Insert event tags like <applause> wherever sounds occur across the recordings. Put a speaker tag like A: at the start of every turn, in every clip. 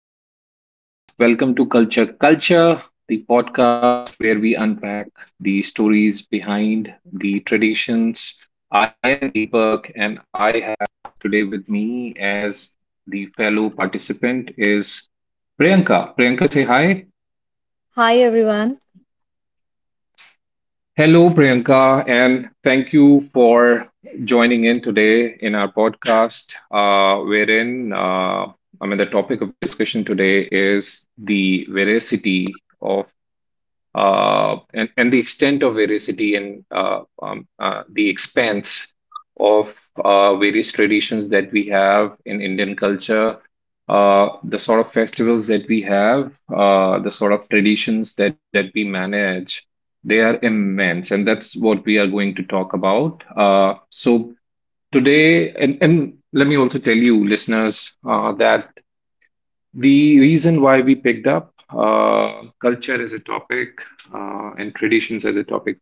A: Welcome, listeners. Welcome to Culture Culture, the podcast where we unpack the stories behind the traditions. I am Deepak and I have today with me as the fellow participant is Priyanka. Priyanka, say hi.
B: Hi, everyone.
A: Hello, Priyanka, and thank you for joining in today in our podcast, wherein I mean the topic of discussion today is the veracity of and the extent of varicity and the expanse of various traditions that we have in Indian culture, the sort of festivals that we have, the sort of traditions that we manage, they are immense. And that's what we are going to talk about. So today, and let me also tell you, listeners, that the reason why we picked up culture as a topic and traditions as a topic,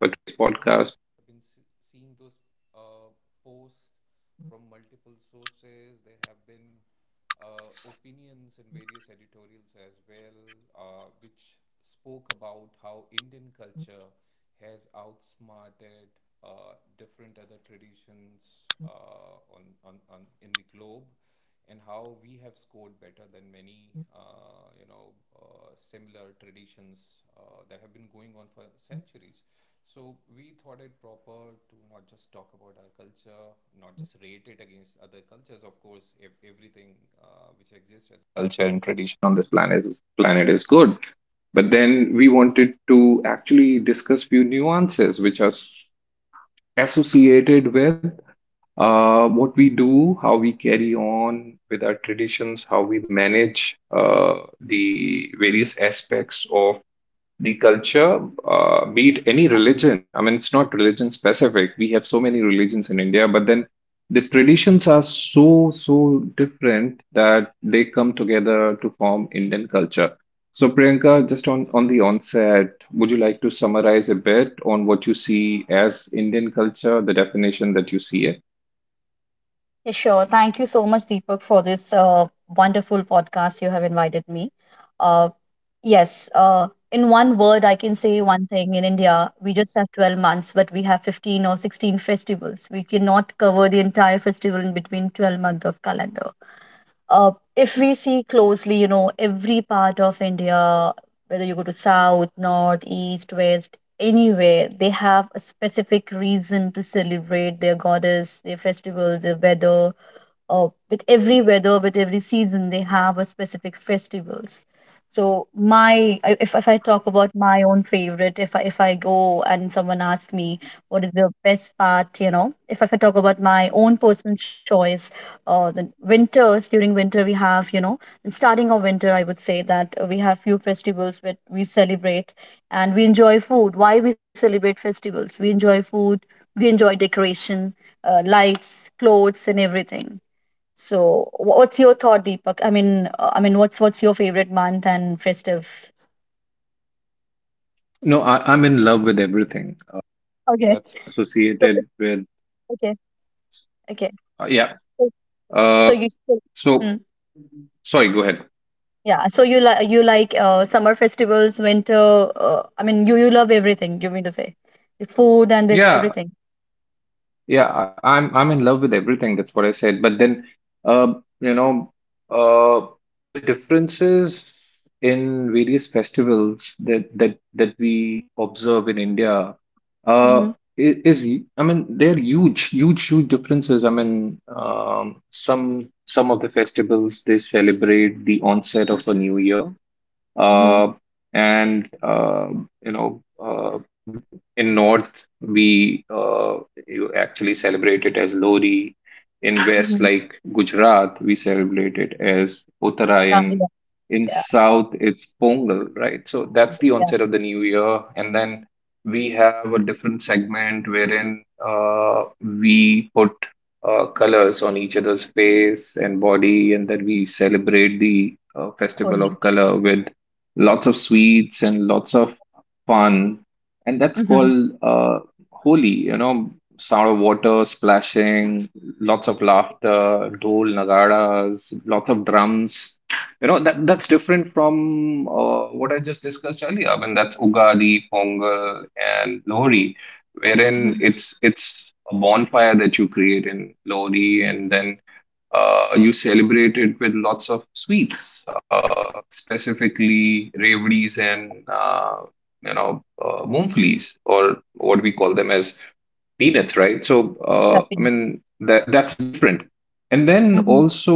A: we wanted to actually discuss few nuances which are associated with what we do, how we carry on with our traditions, how we manage the various aspects of the culture, be it any religion. I mean, it's not religion specific. We have so many religions in India, but then the traditions are so, so different that they come together to form Indian culture. So, Priyanka, just on the onset, would you like to summarize a bit on what you see as Indian culture, the definition that you see it?
B: Yeah, sure. Thank you so much, Deepak, for this wonderful podcast you have invited me. Uh, yes, in one word, I can say one thing. In India, we just have 12 months, but we have 15 or 16 festivals. We cannot cover the entire festival in between 12 months of calendar. If we see closely, you know, every part of India, whether you go to south, north, east, west, anywhere, they have a specific reason to celebrate their goddess, their festivals, their weather, with every weather, with every season, they have a specific festivals. So if I talk about my own favorite, if I go and someone asks me what is the best part, you know, if I talk about my own personal choice, the winters during winter we have, you know, in starting of winter, I would say that we have few festivals that we celebrate and we enjoy food. Why we celebrate festivals? We enjoy food, we enjoy decoration, lights, clothes, and everything. So, what's your thought, Deepak? I mean, what's your favorite month and festive?
A: No, I'm in love with everything
B: Okay,
A: that's
B: so
A: associated with.
B: okay, okay.
A: Uh, yeah.
B: So, so,
A: Uh,
B: you still, hmm,
A: so, Sorry, go ahead.
B: yeah. So you like summer festivals, winter. You love everything. You mean to say the food and the
A: Yeah.
B: everything.
A: Yeah, I'm in love with everything. That's what I said. But then, uh, you know, uh, the differences in various festivals that we observe in India, uh,
B: Mm-hmm.
A: is I mean they're huge, huge, huge differences. I mean, some of the festivals they celebrate the onset of a new year,
B: Mm-hmm.
A: uh, and you know uh, in north we you actually celebrate it as Lori. In west,
B: Mm-hmm.
A: like Gujarat, we celebrate it as
B: Yeah, yeah,
A: Uttarayan. In
B: yeah,
A: south, it's Pongal, right? So that's the
B: yeah.
A: onset of the new year, and then we have a different segment wherein we put colors on each other's face and body, and then we celebrate the festival
B: Totally.
A: of color with
B: Yeah.
A: lots of sweets and lots of fun. And that's
B: Mm-hmm.
A: called Holi, you know, sound of water splashing, lots of laughter, dhol, nagaras, lots of drums. You know, that that's different from what I just discussed earlier. I mean, that's Ugadi, Pongal, and Lohri,
B: Mm-hmm.
A: wherein it's a bonfire that you create in Lohri, and then you celebrate it with lots of sweets, specifically revdies and moongflies, or what we call them as peanuts, right? So,
B: Yeah.
A: I mean, that that's different. And then
B: Mm-hmm.
A: also,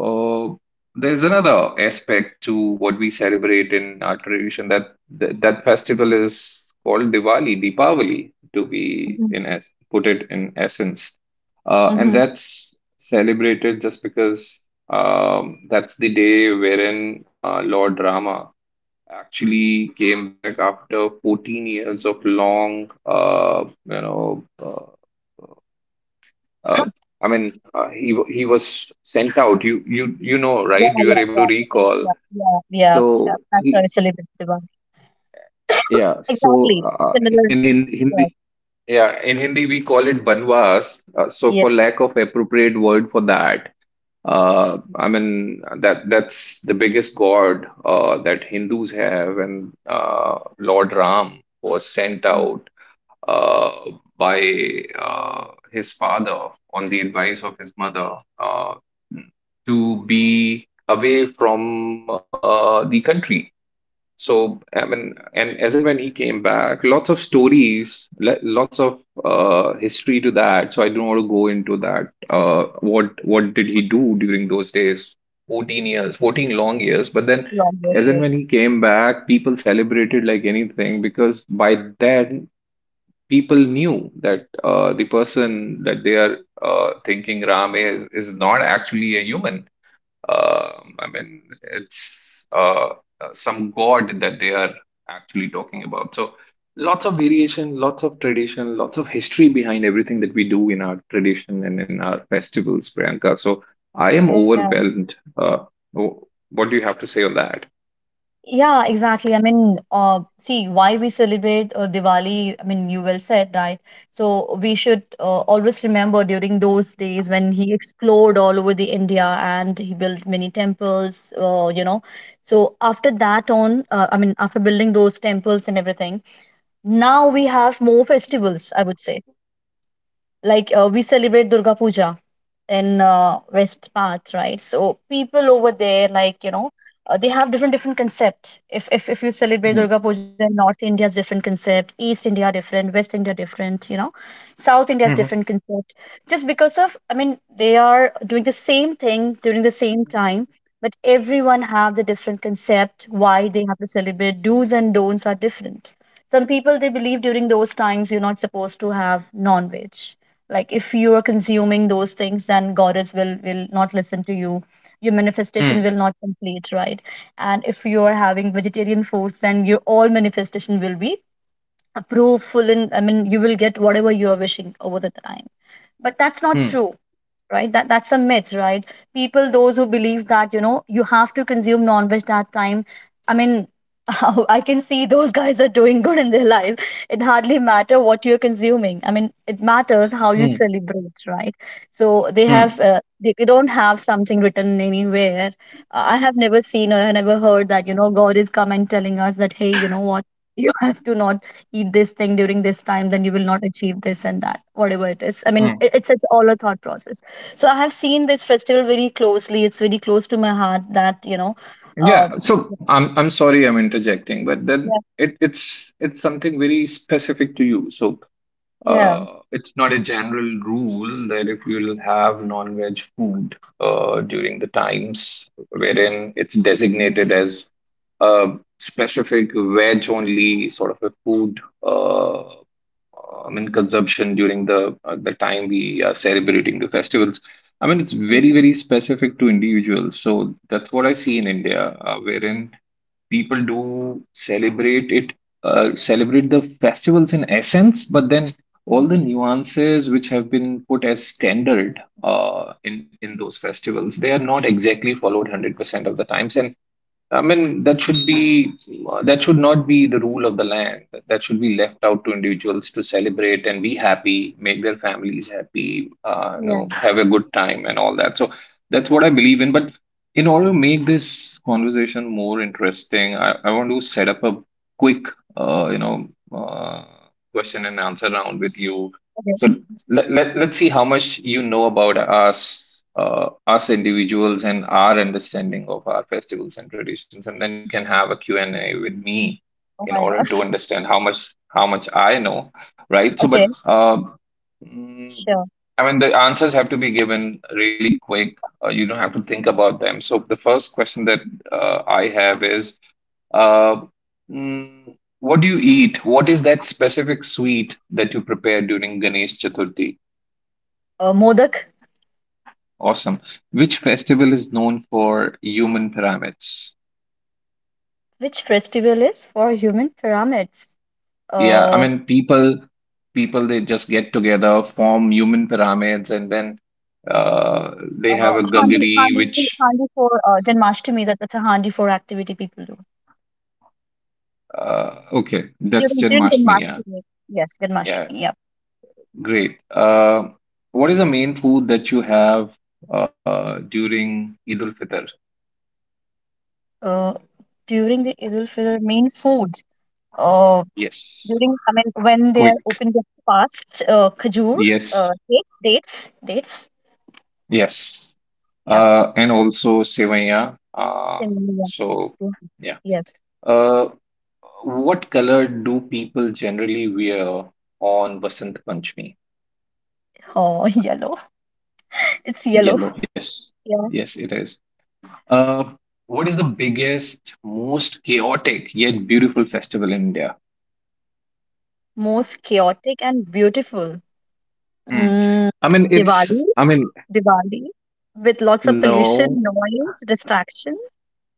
A: uh, there's another aspect to what we celebrate in our tradition that that festival is called Diwali, Deepavali, to be
B: Mm-hmm.
A: in es put it in essence. And
B: Mm-hmm.
A: that's celebrated just because that's the day wherein Lord Rama actually came back after 14 years of long, uh,
B: <coughs>
A: I mean, he was sent out. You know,
B: Yeah,
A: right? You
B: yeah,
A: were able to
B: yeah, yeah,
A: recall.
B: yeah, yeah, yeah.
A: So
B: That's how I
A: he,
B: celebrate Diwali.
A: yeah.
B: Exactly.
A: So uh,
B: Similar.
A: in Hin-
B: Yeah.
A: Hindi, yeah, in Hindi we call it banvas. So for
B: Yes.
A: lack of appropriate word for that, mean that that's the biggest god that Hindus have, and Lord Ram was sent
B: Mm,
A: out uh, by his father on the advice of his mother uh, to be away from the country. So, I mean, and as and when he came back, lots of stories, lots of history to that. So I don't want to go into that. What did he do during those days? 14 years, 14 long years. But then,
B: long, yes,
A: as and when
B: yes.
A: he came back, people celebrated like anything because by then people knew that the person that they are thinking Ram is not actually a human. I mean, it's some god that they are actually talking about. So lots of variation, lots of tradition, lots of history behind everything that we do in our tradition and in our festivals, Priyanka. So I am
B: Yeah.
A: overwhelmed. Wh- what do you have to say on that?
B: Yeah, exactly. I mean, see, why we celebrate Diwali, I mean, you well said, right? So we should always remember during those days when he explored all over the India and he built many temples, you know. So after that on, after building those temples and everything, now we have more festivals, I would say. Like we celebrate Durga Puja. In west path, right? So people over there, like, you know, they have different different concept. If you celebrate
A: Hmm.
B: Durga Puja in north India is different concept, east India different, west India different, you know, south India is
A: Hmm.
B: different concept just because of, I mean, they are doing the same thing during the same time, but everyone have the different concept why they have to celebrate. Do's and don'ts are different. Some people, they believe during those times you're not supposed to have non-veg. Like, if you are consuming those things then goddess will not listen to you, your
A: Hmm.
B: manifestation will not complete, right? And if you are having vegetarian foods, then your all manifestation will be approved full, and, I mean, you will get whatever you are wishing over the time. But that's not
A: Hmm.
B: true, right? That's a myth, right? People those who believe that, you know, you have to consume non-veg that time, I mean, <laughs> I can see those guys are doing good in their life. It hardly matter what you're consuming, I mean, it matters how you celebrate, right? So they
A: Hmm.
B: have uh, they, they don't have something written anywhere. I have never seen or never heard that, you know, god is come and telling us that, hey, you know what, <laughs> you have to not eat this thing during this time, then you will not achieve this and that, whatever it is, I mean,
A: Hmm.
B: it's all a thought process. So I have seen this festival very closely, it's very close to my heart that, you know, um
A: Yeah, so I'm sorry I'm interjecting, but then
B: yeah,
A: it's something very specific to you. So
B: yeah.
A: it's not a general rule that if you'll have non-veg food during the times wherein it's designated as a specific veg-only sort of a food. Uh, I mean, consumption during the time we are celebrating the festivals. I mean, it's very, very specific to individuals. So that's what I see in India, wherein people do celebrate it, celebrate the festivals in essence, but then all the
B: Yes,
A: nuances which have been put as standard in those festivals, they are not exactly followed 100% of the times. And I mean, that should be that should not be the rule of the land. That should be left out to individuals to celebrate and be happy, make their families happy, you know,
B: yeah.
A: have a good time and all that. So that's what I believe in. But in order to make this conversation more interesting, I want to set up a quick, you know, uh, question and answer round with you.
B: Okay.
A: So let's see how much you know about us individuals and our understanding of our festivals and traditions, and then you can have a Q and A with me
B: Oh
A: in
B: my
A: order to
B: god.
A: understand how much I know, right?
B: <laughs> Okay,
A: Mm,
B: sure.
A: I mean the answers have to be given really quick. You don't have to think about them. So the first question that I have is uh, mm, what do you eat? What is that specific sweet that you prepare during Ganesh Chaturthi?
B: Modak.
A: Awesome. Which festival is known for human pyramids?
B: Which festival is for human pyramids?
A: Yeah, I
B: uh,
A: mean people they just get together, form human pyramids, and then they have a gagri, which
B: handi for Janmashtami. That's a handi for activity people do
A: okay, that's
B: during
A: Janmashtami, yeah.
B: Janmashtami. Yes,
A: Yeah,
B: Janmashtami. Yeah.
A: great. What is the main food that you have during Eid al Fitr?
B: uh, During the Eid al-Fitr main foods. Uh,
A: Yes.
B: during I mean, when they are
A: Quick.
B: open the fast, khajur,
A: Yes.
B: date, dates, dates.
A: Yes.
B: Yeah.
A: And also sevaiya.
B: Then,
A: So
B: yeah.
A: yeah.
B: Yes.
A: Uh, what color do people generally wear on Vasant Panchami?
B: Oh, <laughs> yellow. It's yellow.
A: Yellow, yes.
B: Yeah.
A: Yes, it is. Uh, what is the biggest, most chaotic yet beautiful festival in India?
B: Most chaotic and beautiful.
A: Hmm.
B: Mm,
A: I mean,
B: Diwali.
A: it's, I mean,
B: Diwali, with lots of
A: no,
B: pollution, noise, distraction.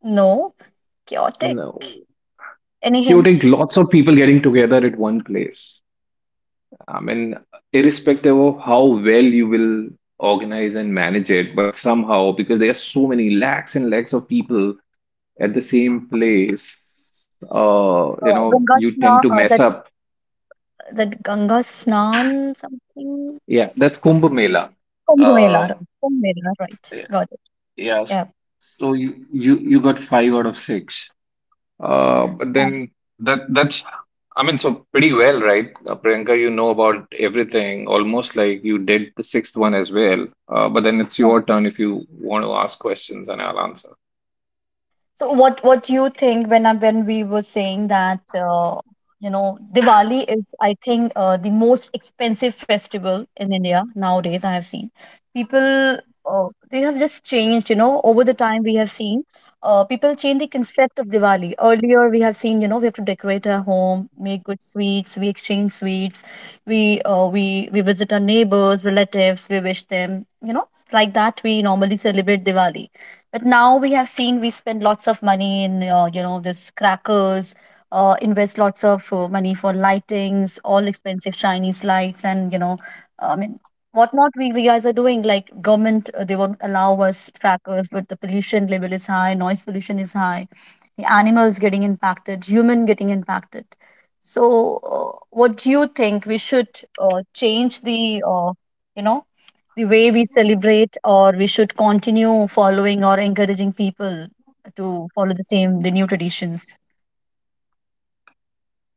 B: No, chaotic.
A: no.
B: Any hint?
A: Chaotic, lots of people getting together at one place. I mean, irrespective of how well you will organize and manage it, but somehow, because there are so many lakhs and lakhs of people at the same place, you know,
B: Ganga
A: you tend
B: Sna,
A: to mess
B: that
A: up.
B: that Ganga Snan something.
A: Yeah, that's Kumbh Mela.
B: Kumbh Mela,
A: Uh,
B: Kumbh Mela, right.
A: y-
B: Got it.
A: yes.
B: Yeah.
A: So you got five out of six. But
B: Um,
A: then that that's I mean, so pretty well, right? Priyanka, you know about everything, almost like you did the sixth one as well. But then it's
B: Yeah.
A: your turn if you want to ask questions, and I'll answer.
B: So what do you think when when we were saying that, you know, Diwali is, I think, the most expensive festival in India nowadays? I have seen people, uh, they have just changed, you know, over the time. We have seen, people change the concept of Diwali. Earlier, we have seen, you know, we have to decorate our home, make good sweets, we exchange sweets, we uh, we we visit our neighbors relatives, we wish them, you know, like that we normally celebrate Diwali. But now we have seen we spend lots of money in, you know, this crackers, invest lots of money for lightings, all expensive Chinese lights, and, you know, I mean, whatnot we guys are doing. Like government, they won't allow us crackers, but the pollution level is high, noise pollution is high, the animals getting impacted, human getting impacted. So, what do you think we should change the, you know, the way we celebrate, or we should continue following or encouraging people to follow the same the new traditions?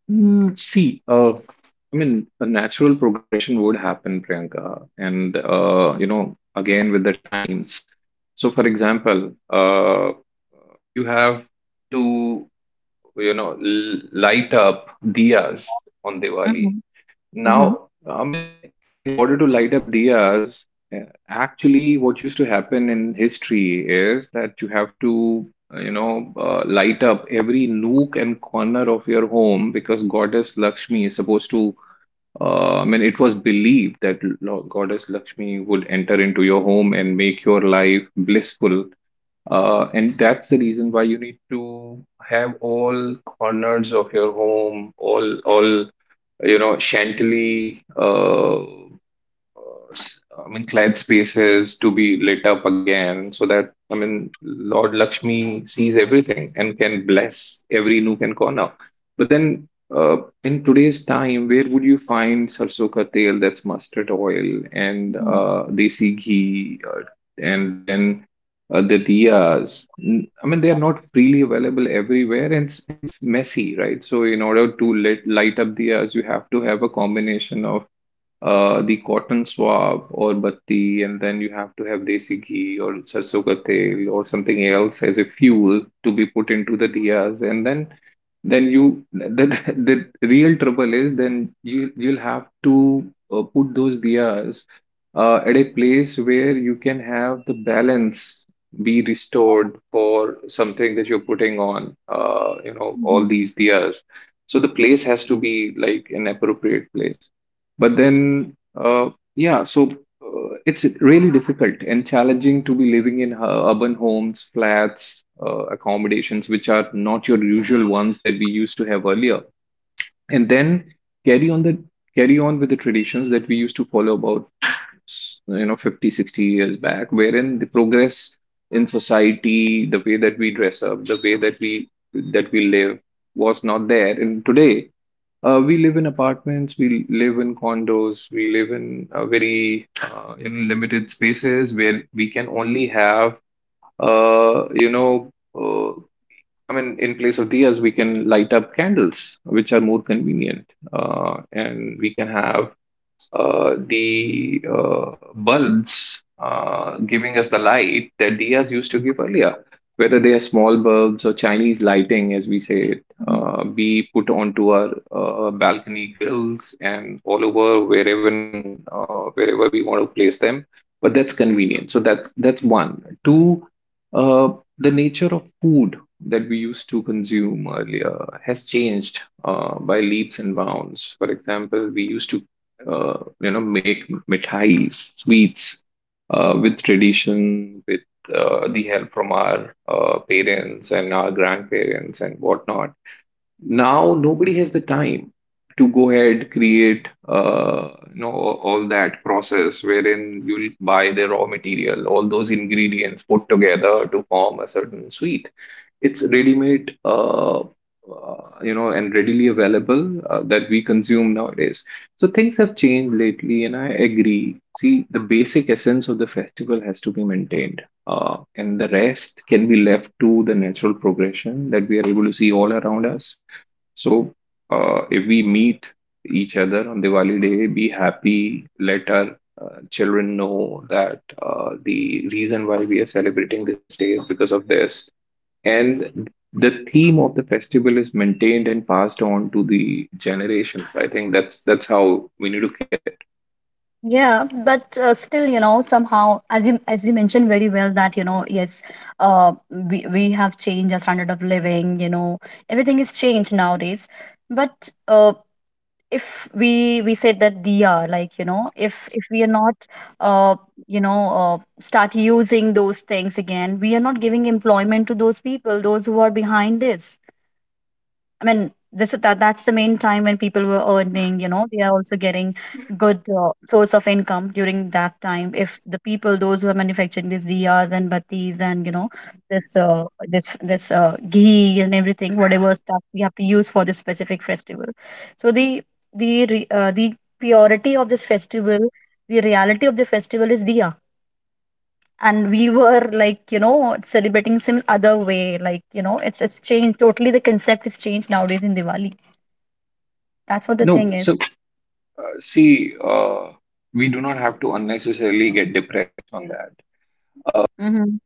A: See, I mean, a natural progression would happen, Priyanka, and you know, again with the times. So, for example, you have to, you know, light up diyas on Diwali.
B: Hmm. Hmm.
A: Now, I mean, in order to light up diyas, actually, what used to happen in history is that you have to, you know, light up every nook and corner of your home because Goddess Lakshmi is supposed to. I mean, it was believed that Goddess Lakshmi would enter into your home and make your life blissful. And that's the reason why you need to have all corners of your home, all you know chantilly I mean, cleansed spaces to be lit up again so that, I mean, Lord Lakshmi sees everything and can bless every nook and corner. But then, uh, in today's time, where would you find sarson ka tel, that's mustard oil, and
B: Hmm.
A: desi ghee, and then the diyas? I mean, they are not freely available everywhere, and it's messy, right? So, in order to light up diyas, you have to have a combination of the cotton swab or batti, and then you have to have desi ghee or sarson ka tel or something else as a fuel to be put into the diyas, and then you the <laughs> the real trouble is then you'll have to put those diyas at a place where you can have the balance be restored for something that you're putting on you know all these diyas. So the place has to be like an appropriate place. But then yeah, so it's really difficult and challenging to be living in urban homes, flats, accommodations, which are not your usual ones that we used to have earlier. And then carry on the carry on with the traditions that we used to follow about, 50, 60 years back, wherein the progress in society, the way that we dress up, the way that we live was not there. And today, we live in apartments, we live in condos, we live in very in limited spaces where we can only have, uh, you know, uh, I mean, in place of diyas, we can light up candles, which are more convenient, and we can have the bulbs giving us the light that diyas used to give earlier. Whether they are small bulbs or Chinese lighting, as we say it,
B: Hmm.
A: be put onto our balcony grills and all over wherever wherever we want to place them. But that's convenient. So that's one. Two, the nature of food that we used to consume earlier has changed by leaps and bounds. For example, we used to make mithais, sweets with tradition, with the help from our parents and our grandparents and whatnot. Now nobody has the time to go ahead create all that process wherein you'll buy the raw material, all those ingredients put together to form a certain sweet. It's ready-made, and readily available that we consume nowadays. So things have changed lately, and I agree. See, the basic essence of the festival has to be maintained, and the rest can be left to the natural progression that we are able to see all around us. So, if we meet each other on Diwali day, be happy, let our children know that the reason why we are celebrating this day is because of this, and the theme of the festival is maintained and passed on to the generations. I think that's how we need to kill it.
B: Yeah, but still, you know, somehow, as you mentioned very well that, you know, yes, we have changed our standard of living, you know, everything is changed nowadays. But if we said that diya, like, you know, if we are not, uh you know, start using those things again, we are not giving employment to those people those who are behind this. I mean, this that that's the main time when people were earning, you know, they are also getting good source of income during that time. If the people, those who are manufacturing these diyas and battis and, you know, this this this ghee and everything, whatever stuff we have to use for this specific festival, so the purity of this festival, the reality of the festival is diya. And we were like, you know, celebrating some other way. Like, you know, it's changed totally. The concept is changed nowadays in Diwali. That's what the
A: No,
B: thing
A: so
B: is.
A: see, we do not have to unnecessarily get
B: Mhm.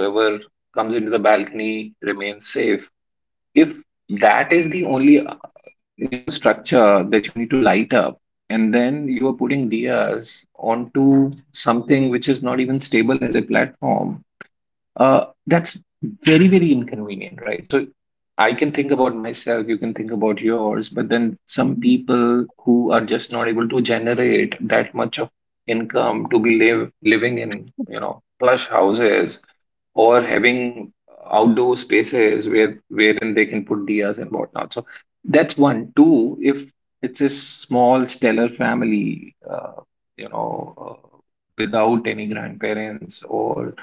A: whoever comes into the balcony remains safe. If that is the only structure that you need to light up, and then you are putting diyas onto something which is not even stable as a platform, that's very, very inconvenient, right? So I can think about myself, you can think about yours, but then some
B: Mhm.
A: people who are just not able to generate that much of income to be live living in,
B: <laughs>
A: you know, plush houses or having outdoor spaces wherein they can put diyas and whatnot. So that's one. Two, if it's a small stellar family, you know, uh, without any grandparents or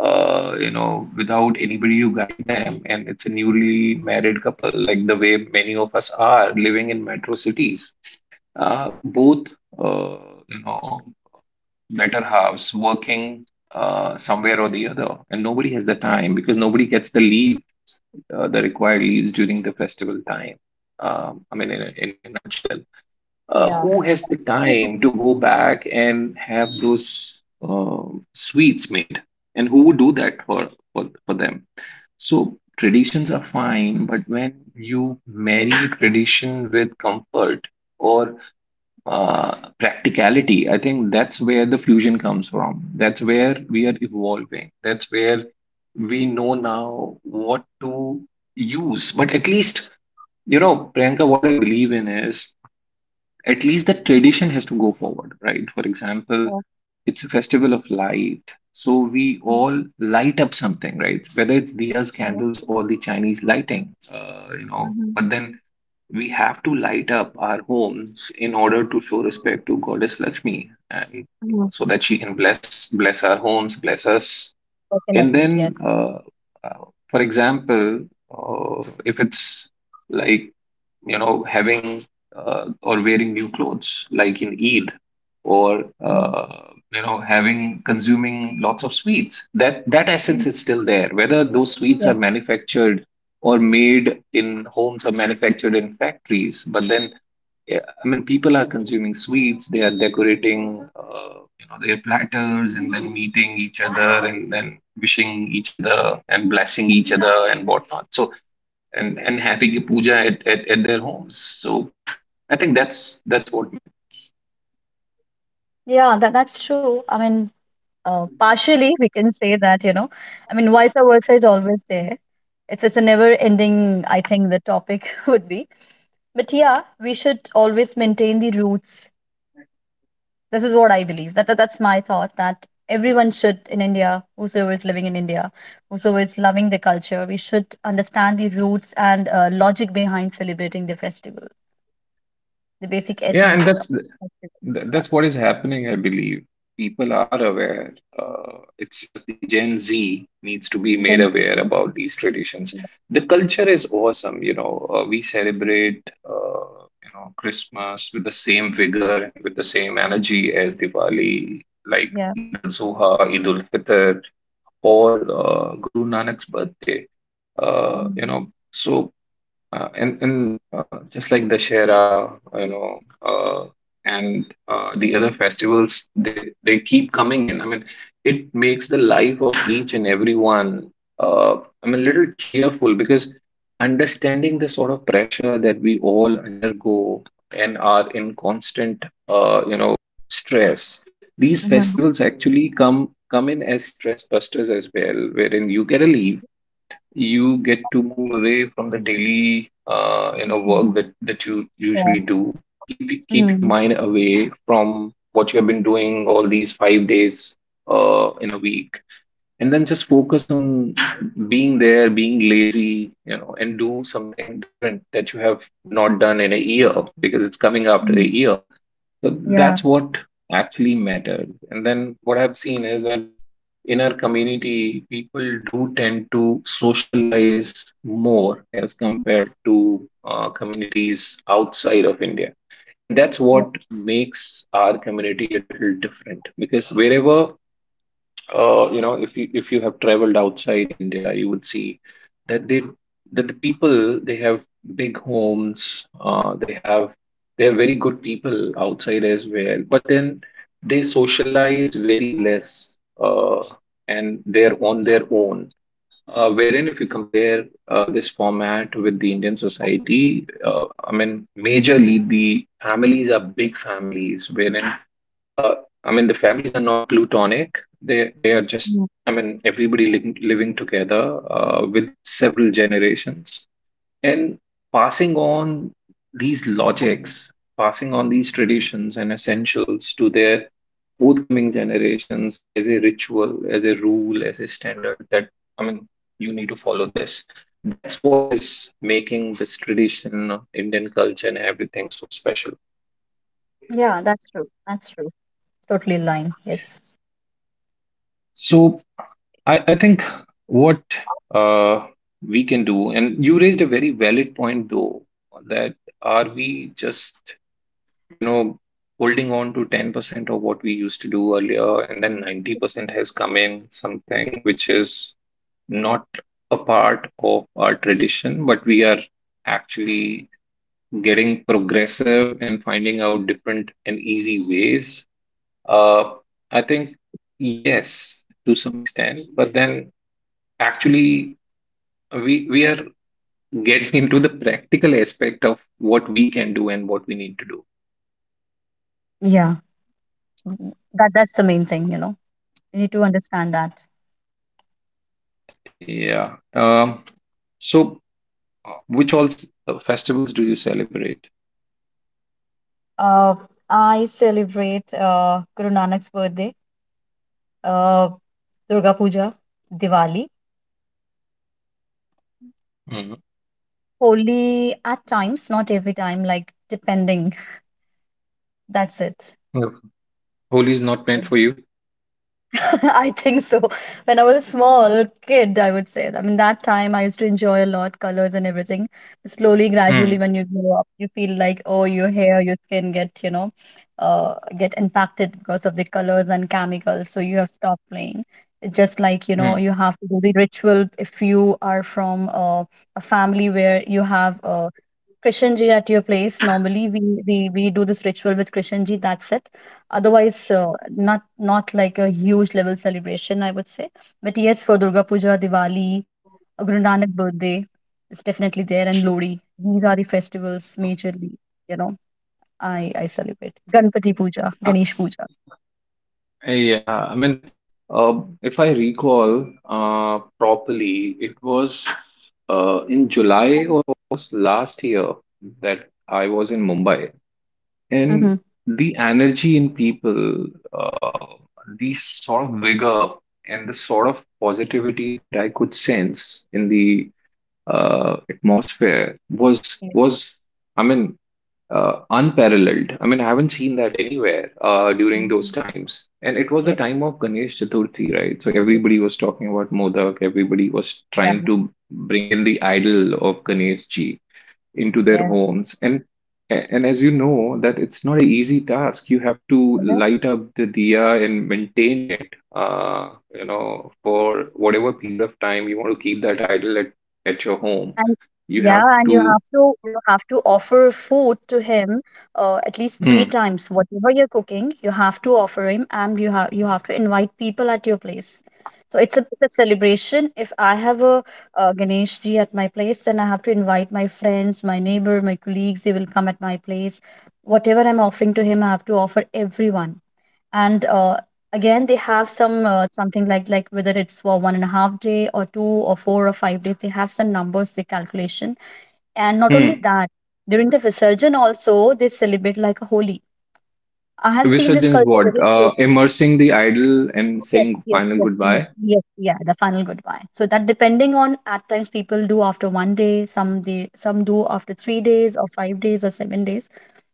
A: without anybody to guide them, and it's a newly married couple, like the way many of us are living in metro cities. Both, uh, you know better halves working somewhere or the other, and nobody has the time because nobody gets the leave, the required leaves during the festival time. I mean, in a nutshell,
B: Yeah,
A: who has the
B: that's true.
A: time to go back and have those sweets made, and who would do that for them? So traditions are fine, but when you marry tradition with comfort, or practicality, I think that's where the fusion comes from. That's where we are evolving. That's where we know now what to use. But at least, you know, Priyanka, what I believe in is at least the tradition has to go forward, right? For example,
B: Yeah.
A: it's a festival of light. So we
B: Mhm.
A: all light up something, right? Whether it's diyas,
B: Yeah.
A: candles, or the Chinese lighting,
B: Mhm.
A: But then we have to light up our homes in order to show respect to Goddess Lakshmi, and
B: Mhm.
A: so that she can bless our homes, bless us. And
B: Definitely. Yes.
A: then, uh, for example, if it's like you know, having or wearing new clothes, like in Eid, or
B: Yeah.
A: having consuming lots of sweets. That essence
B: Mhm.
A: is still there. Whether those sweets
B: Yeah,
A: are manufactured or made in homes or manufactured in factories, but then yeah, I mean, people are consuming sweets. They are decorating, their platters, and then meeting each other, and then wishing each other, and blessing each other, and whatnot. So and having a puja at their homes. So I think that's what.
B: Yeah, that's true. I mean, partially we can say that, you know, I mean, vice versa is always there. It's a never ending, I think, the topic <laughs> would be. But yeah, we should always maintain the roots. This is what I believe. That's my thought. That everyone should in India, whosoever is living in India, whosoever is loving the culture, we should understand the roots and logic behind celebrating the festival, the basic
A: Yeah, and
B: essence of
A: that's
B: the festival. Yeah.
A: that's what is happening, I believe. People are aware. It's just the Gen Z needs to be made
B: Then
A: aware
B: people.
A: about these traditions.
B: Yeah.
A: The culture is awesome, you know. We celebrate, Christmas with the same vigor and with the same energy as Diwali, like
B: Yeah.
A: Eid al-Zuha, Eid al-Fitr, or Guru Nanak's birthday. You
B: Mm-hmm.
A: know, so. And Just like Dashera, you know, and the other festivals, they keep coming in. I mean, it makes the life of each and everyone, uh, I mean, a little cheerful because understanding the sort of pressure that we all undergo and are in constant, stress. These festivals actually come in as stress busters as well, wherein you get a leave, you get to move away from the daily work that that you
B: Yeah.
A: usually do. Keep your
B: Mhm.
A: mind away from what you have been doing all these 5 days in a week, and then just focus on being there, being lazy, you know, and do something different that you have not done in a year because it's coming after a
B: Mhm.
A: year. So
B: Yeah.
A: that's what actually matters. And then what I've seen is that in our community, people do tend to socialize more as compared to communities outside of India. And that's
B: Yeah.
A: what makes our community a little different because wherever if you have traveled outside India, you would see that the people they have big homes, they have they are very good people outside as well, but then they socialize very less, and they're on their own. Wherein, if you compare this format with the Indian society, I mean, majorly the families are big families, wherein I mean, the families are not plutonic. They are just,
B: Mhm.
A: I mean, everybody living together with several generations and passing on these logics, passing on these traditions and essentials to their forthcoming generations as a ritual, as a rule, as a standard that, I mean, you need to follow this. That's what is making this tradition of Indian culture and everything so special.
B: Yeah, that's true. That's true. Totally aligned. Yes.
A: So I think what uh, we can do, and you raised a very valid point though, that are we just, you know, holding on to 10% of what we used to do earlier, and then 90% has come in something which is not a part of our tradition, but we are actually getting progressive and finding out different and easy ways. Uh, I think yes, to some extent, but then actually, we are getting into the practical aspect of what we can do and what we need to do.
B: Yeah. That's the main thing, you know. You need to understand that.
A: Yeah. So, which all festivals do you celebrate?
B: Uh, I celebrate Guru Nanak's birthday, uh, Durga Puja, Diwali,
A: Mm.
B: Holi at times, not every time, like, depending. <laughs> That's it.
A: Uh, Holi is not
B: Yeah.
A: meant for you.
B: <laughs> I think so. When I was a small kid, I would say. I mean, that time I used to enjoy a lot, colors and everything. Slowly, gradually,
A: Hmm.
B: when you grow up, you feel like, oh, your hair, your skin get, you know, get impacted because of the colors and chemicals. So you have stopped playing. It's just like, you know,
A: Hmm.
B: you have to do the ritual if you are from a family where you have a Krishan ji at your place. Normally, we do this ritual with Krishan ji, that's it. Otherwise, not like a huge level celebration, I would say. But yes, for Durga Puja, Diwali, Guru Nanak birthday is definitely there, and Lodi. These are the festivals majorly, you know, I celebrate. Ganpati Puja,
A: Uh,
B: Ganesh Puja.
A: yeah. I mean, if I recall properly, it was in July or was last year that I was in Mumbai. And
B: Mm-hmm.
A: the energy in people, uh, the sort of vigor and the sort of positivity that I could sense in the atmosphere was
B: Yes,
A: was I mean unparalleled. I mean I haven't seen that anywhere during those times. And it was the
B: yes,
A: time of Ganesh Chaturthi, right? So
B: yes.
A: everybody was talking about Modak. Everybody was trying to bring in the idol of Ganesh Ji into their
B: Yeah,
A: homes, and as you know that it's not an easy task. You have to
B: yeah.
A: light up the diya and maintain it, for whatever period of time you want to keep that idol at your home.
B: And
A: You have
B: yeah, and you
A: to,
B: have to you have to offer food to him, at least three
A: hmm,
B: times. Whatever you're cooking, you have to offer him, and you have to invite people at your place. So it's a celebration. If I have a Ganesh ji at my place, then I have to invite my friends, my neighbor, my colleagues. They will come at my place. Whatever I'm offering to him, I have to offer everyone, and again they have some, something like whether it's for 1.5 day or 2 or 4 or 5 days. They have some numbers, they calculation. And not only
A: hmm.
B: that, during the visarjan also they celebrate like a holy. I have seen this
A: Visarjan is
B: culture
A: what,
B: very closely.
A: immersing the idol and
B: Yes,
A: saying
B: yes,
A: final
B: yes.
A: goodbye.
B: Yes. Yeah, the final goodbye. So that, depending on, at times people do after one day, some they some do after 3 days or 5 days or 7 days.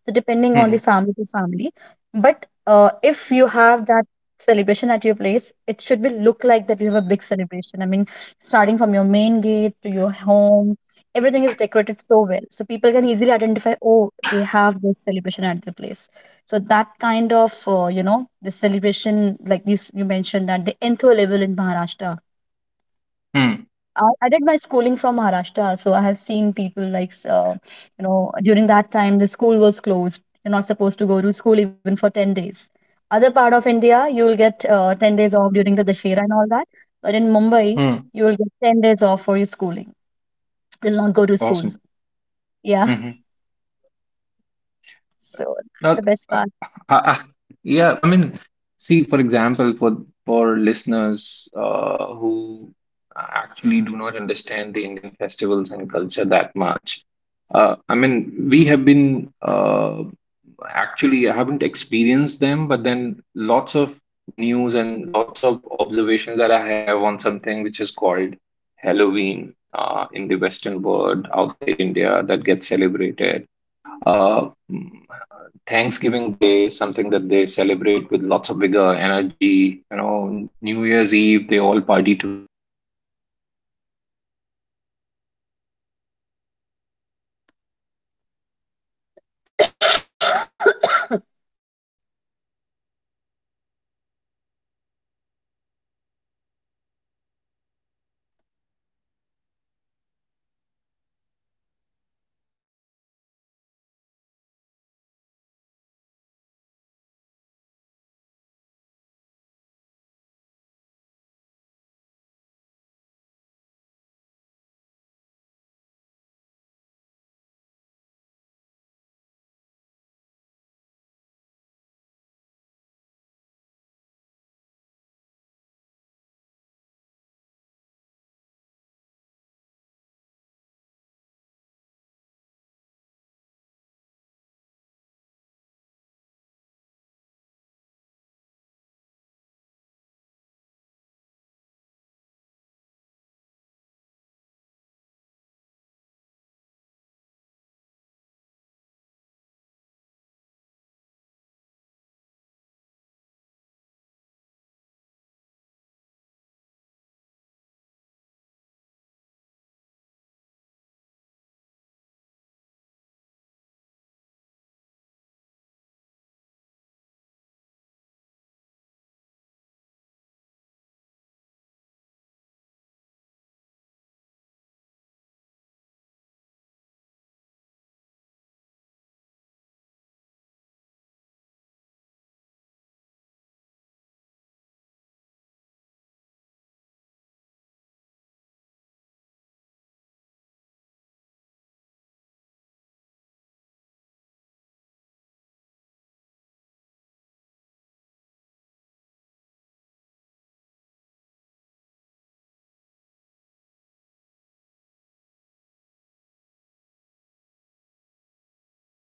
B: So depending on the
A: Hmm,
B: family to family. But if you have that celebration at your place, it should be look like that you have a big celebration. I mean, starting from your main gate to your home, everything is decorated so well, so people can easily identify. Oh, they have this celebration at their place. So that kind of you know, the celebration, like you mentioned that the entho level in Maharashtra.
A: hmm,
B: I did my schooling from Maharashtra, so I have seen people like, you know, during that time the school was closed. You're not supposed to go to school even for 10 days. Other part of India, you will get 10 days off during the Dashera and all that. But in Mumbai,
A: hmm.
B: you will get 10 days off for your schooling. You'll not go to school.
A: Awesome.
B: Yeah. So that's
A: Now,
B: the best
A: uh,
B: part.
A: I- I- yeah, I mean, see, for example, for listeners who actually do not understand the Indian festivals and culture that much, I mean, we have been actually I haven't experienced them, but then lots of news and lots of observations that I have on something which is called Halloween in the Western world outside India that gets celebrated. Uh, Thanksgiving Day is something that they celebrate with lots of vigor, energy. You know, New Year's Eve, they all party together, you know, and I mean, that increases the, uh, you know, improves the community's strength to fight
B: <coughs>
A: against anything which is evil. So lots of stuff which is there outside India as well. But then, according to me, <laughs> and it's very specific to me only, but that through the year in India, I mean, it's a mix of many religions, uh, nothing in comparison to what we celebrate. It's multiple religions, their traditions. Uh, India is a huge continent in itself, so various regions as well, religions coming together with the regions, and then regions coming together with a multitude of people. Uh, you know, so uh, people having different perspectives, people going out of the way in order to showcase what this festival means for them. And then all this combination coming together gives a blast of energy, blast of positivity, blast of high hopes with the coming times. And everyone wishing each one of them and others as well, I mean, wishing them well, wishing them lots of happiness, wishing them lots of luck in the coming times is something that is unparalleled. So I really love this period, Priyanka, and then. Uh, I mean, it's a fusion and a blend of tradition, community, and lots of joy. So, thank you, Priyanka, for being a part of this podcast uh, today. And I know that we are over time a bit, but then we'll continue our discussion in part two of the same subject, wherein we'll cover in detail some of the festivals that we haven't touched upon. But thank you for listening to Culture Culture. If you like this,